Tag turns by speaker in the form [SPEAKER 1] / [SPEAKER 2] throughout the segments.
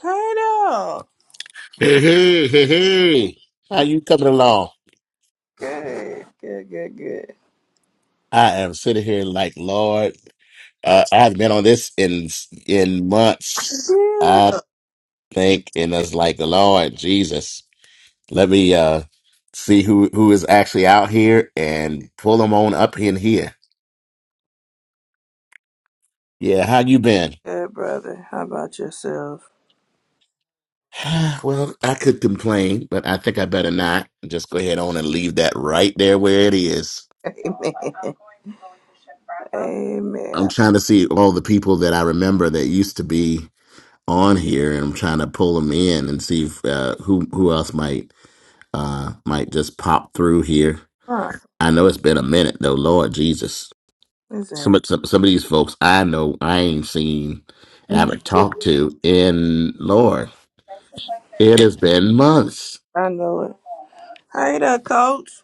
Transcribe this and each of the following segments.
[SPEAKER 1] Turtle.
[SPEAKER 2] Hey, hey, hey, hey. How you coming along?
[SPEAKER 1] Good, good, good, good.
[SPEAKER 2] I am sitting here like, Lord, uh, I haven't been on this in in months.
[SPEAKER 1] Yeah.
[SPEAKER 2] I think, and it's like, Lord Jesus, let me uh see who who is actually out here and pull them on up in here. Yeah, how you been?
[SPEAKER 1] Good, brother. How about yourself?
[SPEAKER 2] Well, I could complain, but I think I better not. Just go ahead on and leave that right there where it is.
[SPEAKER 1] Amen.
[SPEAKER 2] I'm
[SPEAKER 1] Amen.
[SPEAKER 2] trying to see all the people that I remember that used to be. on here, and I'm trying to pull them in and see if, uh, who who else might uh, might just pop through here.
[SPEAKER 1] All right.
[SPEAKER 2] I know it's been a minute though, Lord Jesus.
[SPEAKER 1] What's that?
[SPEAKER 2] Some of- some, some of these folks I know I ain't seen, and
[SPEAKER 1] I
[SPEAKER 2] haven't talked to in Lord. It has been months.
[SPEAKER 1] know it. Hey there, coach.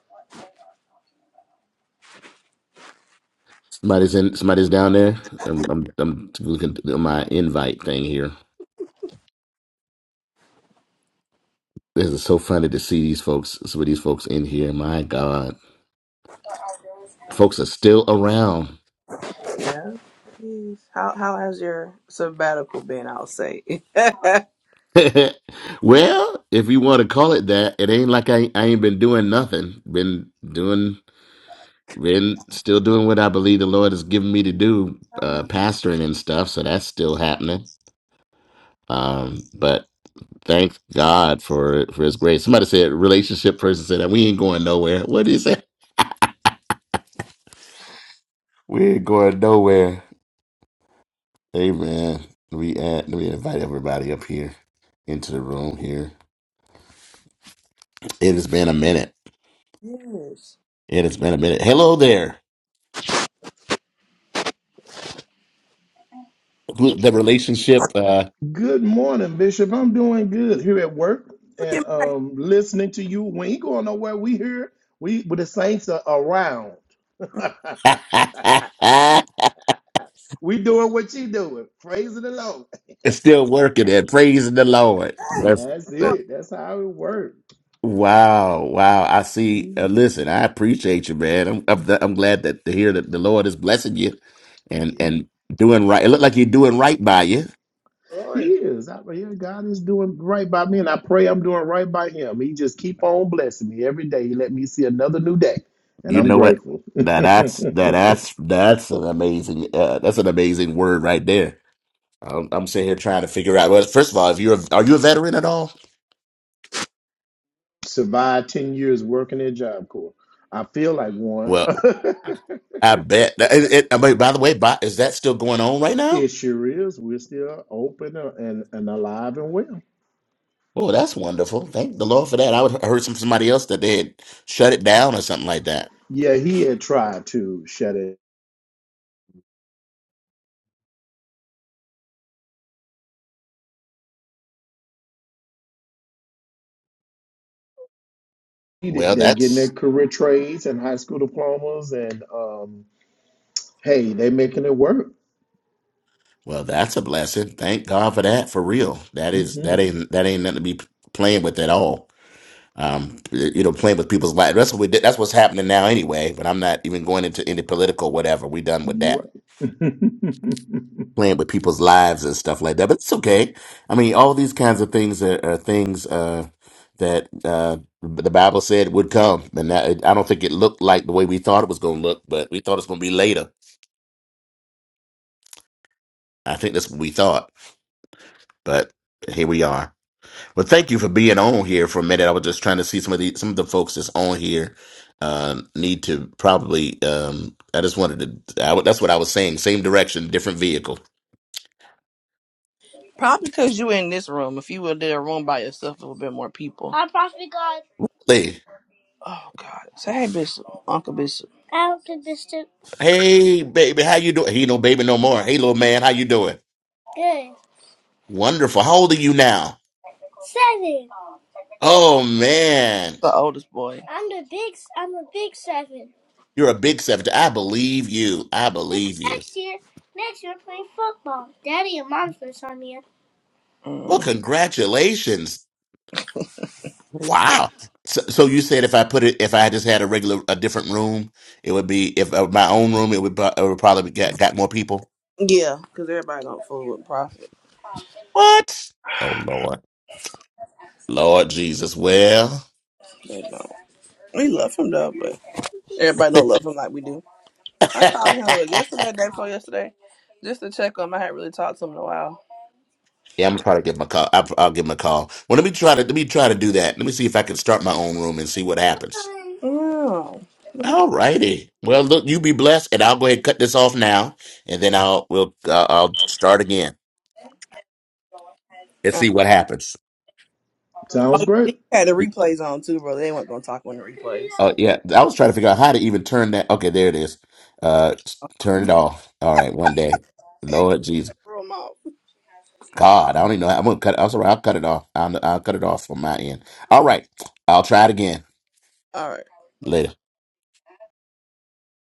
[SPEAKER 2] Somebody's in. Somebody's down there. I'm, I'm, I'm looking at my invite thing here. This is so funny to see these folks. Some of these folks in here. My God, folks are still around.
[SPEAKER 1] Yeah. Yes. How how has your sabbatical been, I'll say? yes.
[SPEAKER 2] well, if you want to call it that, it ain't like I, I ain't been doing nothing. Been doing, been still doing what I believe the Lord has given me to do, uh, pastoring and stuff. So that's still happening. Um, but thank God for for His grace. Somebody said relationship person said that we ain't going nowhere. What did he say? We ain't going nowhere. Amen. We uh, let me invite everybody up here into the room here. It has been a minute. It has been a minute. Hello there. the relationship uh
[SPEAKER 3] Good morning, Bishop. I'm doing good here at work
[SPEAKER 1] Look
[SPEAKER 3] and
[SPEAKER 1] at my
[SPEAKER 3] um, listening to you. We ain't going nowhere. We here. We with the saints are around. we doing what you doing. Praise the Lord.
[SPEAKER 2] is still working and praising the Lord.
[SPEAKER 1] hey.
[SPEAKER 2] That's
[SPEAKER 3] That's
[SPEAKER 2] that,
[SPEAKER 1] Lord,
[SPEAKER 3] it. That's how it works.
[SPEAKER 2] wow, wow. I see. Uh,
[SPEAKER 3] Mm,
[SPEAKER 2] listen, I appreciate you, man. I'm I'm, I'm glad that to hear that the Lord is blessing you and
[SPEAKER 3] Yeah,
[SPEAKER 2] and doing right. It looked like you're doing right by you.
[SPEAKER 3] he
[SPEAKER 1] glory.
[SPEAKER 3] is. I, yeah, God is doing right by me, and I pray I'm doing right by Him. He just keep on blessing me every day. He let me see another new day, and
[SPEAKER 2] You
[SPEAKER 3] I'm
[SPEAKER 2] know what?
[SPEAKER 3] grateful.
[SPEAKER 2] Now that's now that's that's an amazing uh, that's an amazing word right there. I'm, I'm sitting here trying to figure out. Well, first of all, if you're a, are you a veteran at all?
[SPEAKER 3] survived 10 years working at Job Corps. I feel like one.
[SPEAKER 2] Well. I bet. It, it, I mean, by the way, by, is that still going on right now?
[SPEAKER 3] it sure is. We're still open and, and alive and well.
[SPEAKER 2] Oh, that's wonderful. Thank the Lord for that. I, would, I heard from somebody else that they had shut it down or something like that.
[SPEAKER 3] Yeah, he had tried to shut it. He did-
[SPEAKER 2] Well,
[SPEAKER 3] They're getting their
[SPEAKER 2] that's
[SPEAKER 3] career trades and high school diplomas, and um, hey, they're making it work.
[SPEAKER 2] well, that's a blessing. Thank God for that. For real, that is
[SPEAKER 3] hmm
[SPEAKER 2] that ain't that ain't nothing to be playing with at all. Um, you know, playing with people's lives. That's what we did. That's what's happening now, anyway. But I'm not even going into any political whatever. We done with that
[SPEAKER 3] You're right.
[SPEAKER 2] playing with people's lives and stuff like that. But it's okay. I mean, all these kinds of things are, are things uh, that uh, the Bible said would come, and that, I don't think it looked like the way we thought it was going to look, but we thought it's going to be later. I think that's what we thought, but here we are. Well, thank you for being on here for a minute. I was just trying to see some of the some of the folks that's on here um, need to probably. Um, I just wanted to. I, would- that's what I was saying. Same direction, different vehicle.
[SPEAKER 1] Probably because you in this room. If you were in a room by yourself, it would have been more people. I probably got.
[SPEAKER 2] Hey.
[SPEAKER 1] Oh, God. Say hey, Bishop. Uncle Bishop. Uncle Bishop.
[SPEAKER 2] Hey, baby, how you doing? He no baby no more. Hey, little man, how you doing?
[SPEAKER 1] Good.
[SPEAKER 2] Wonderful. How old are you now?
[SPEAKER 1] Seven.
[SPEAKER 2] Oh, man.
[SPEAKER 1] The oldest boy. I'm the big. I'm the big seven.
[SPEAKER 2] You're a big 70. I believe you. I
[SPEAKER 1] This
[SPEAKER 2] believe you.
[SPEAKER 1] next year, next year we're playing football. Daddy and mom's gonna sign me up.
[SPEAKER 2] Well,
[SPEAKER 1] Mm.
[SPEAKER 2] congratulations. Wow. So, so you said if I put it, if I just had a regular, a different room, it would be, if uh, my own room, it would, bu- it would probably get, got more people.
[SPEAKER 1] Yeah, because everybody don't fool with Prophet.
[SPEAKER 2] What? Oh, Lord. Lord Jesus. Well.
[SPEAKER 1] They don't. We love him though, but everybody don't love him like we do. I called him like, yesterday, day before yesterday, just to check on him. I hadn't really talked to him in a while.
[SPEAKER 2] Yeah, I'm probably give him a call. I'll, I'll give him a call. Well, let me try to let me try to do that. Let me see if I can start my own room and see what happens.
[SPEAKER 1] Hi. Oh.
[SPEAKER 2] All righty. Well, look, you be blessed, and I'll go ahead and cut this off now, and then I'll we'll uh, I'll start again and
[SPEAKER 1] oh
[SPEAKER 2] see what happens.
[SPEAKER 3] Sounds great.
[SPEAKER 1] he had the replays on too, bro. They weren't gonna talk on the replays.
[SPEAKER 2] Oh yeah, I was trying to figure out how to even turn that. Okay, there it is. Uh, s- turn it off. All right, one day. Lord Jesus,
[SPEAKER 1] All right.
[SPEAKER 2] God, I don't even know. How, I'm gonna cut. I'm sorry, I'll cut it off. I'll, I'll cut it off from my end. All right, I'll try it again later.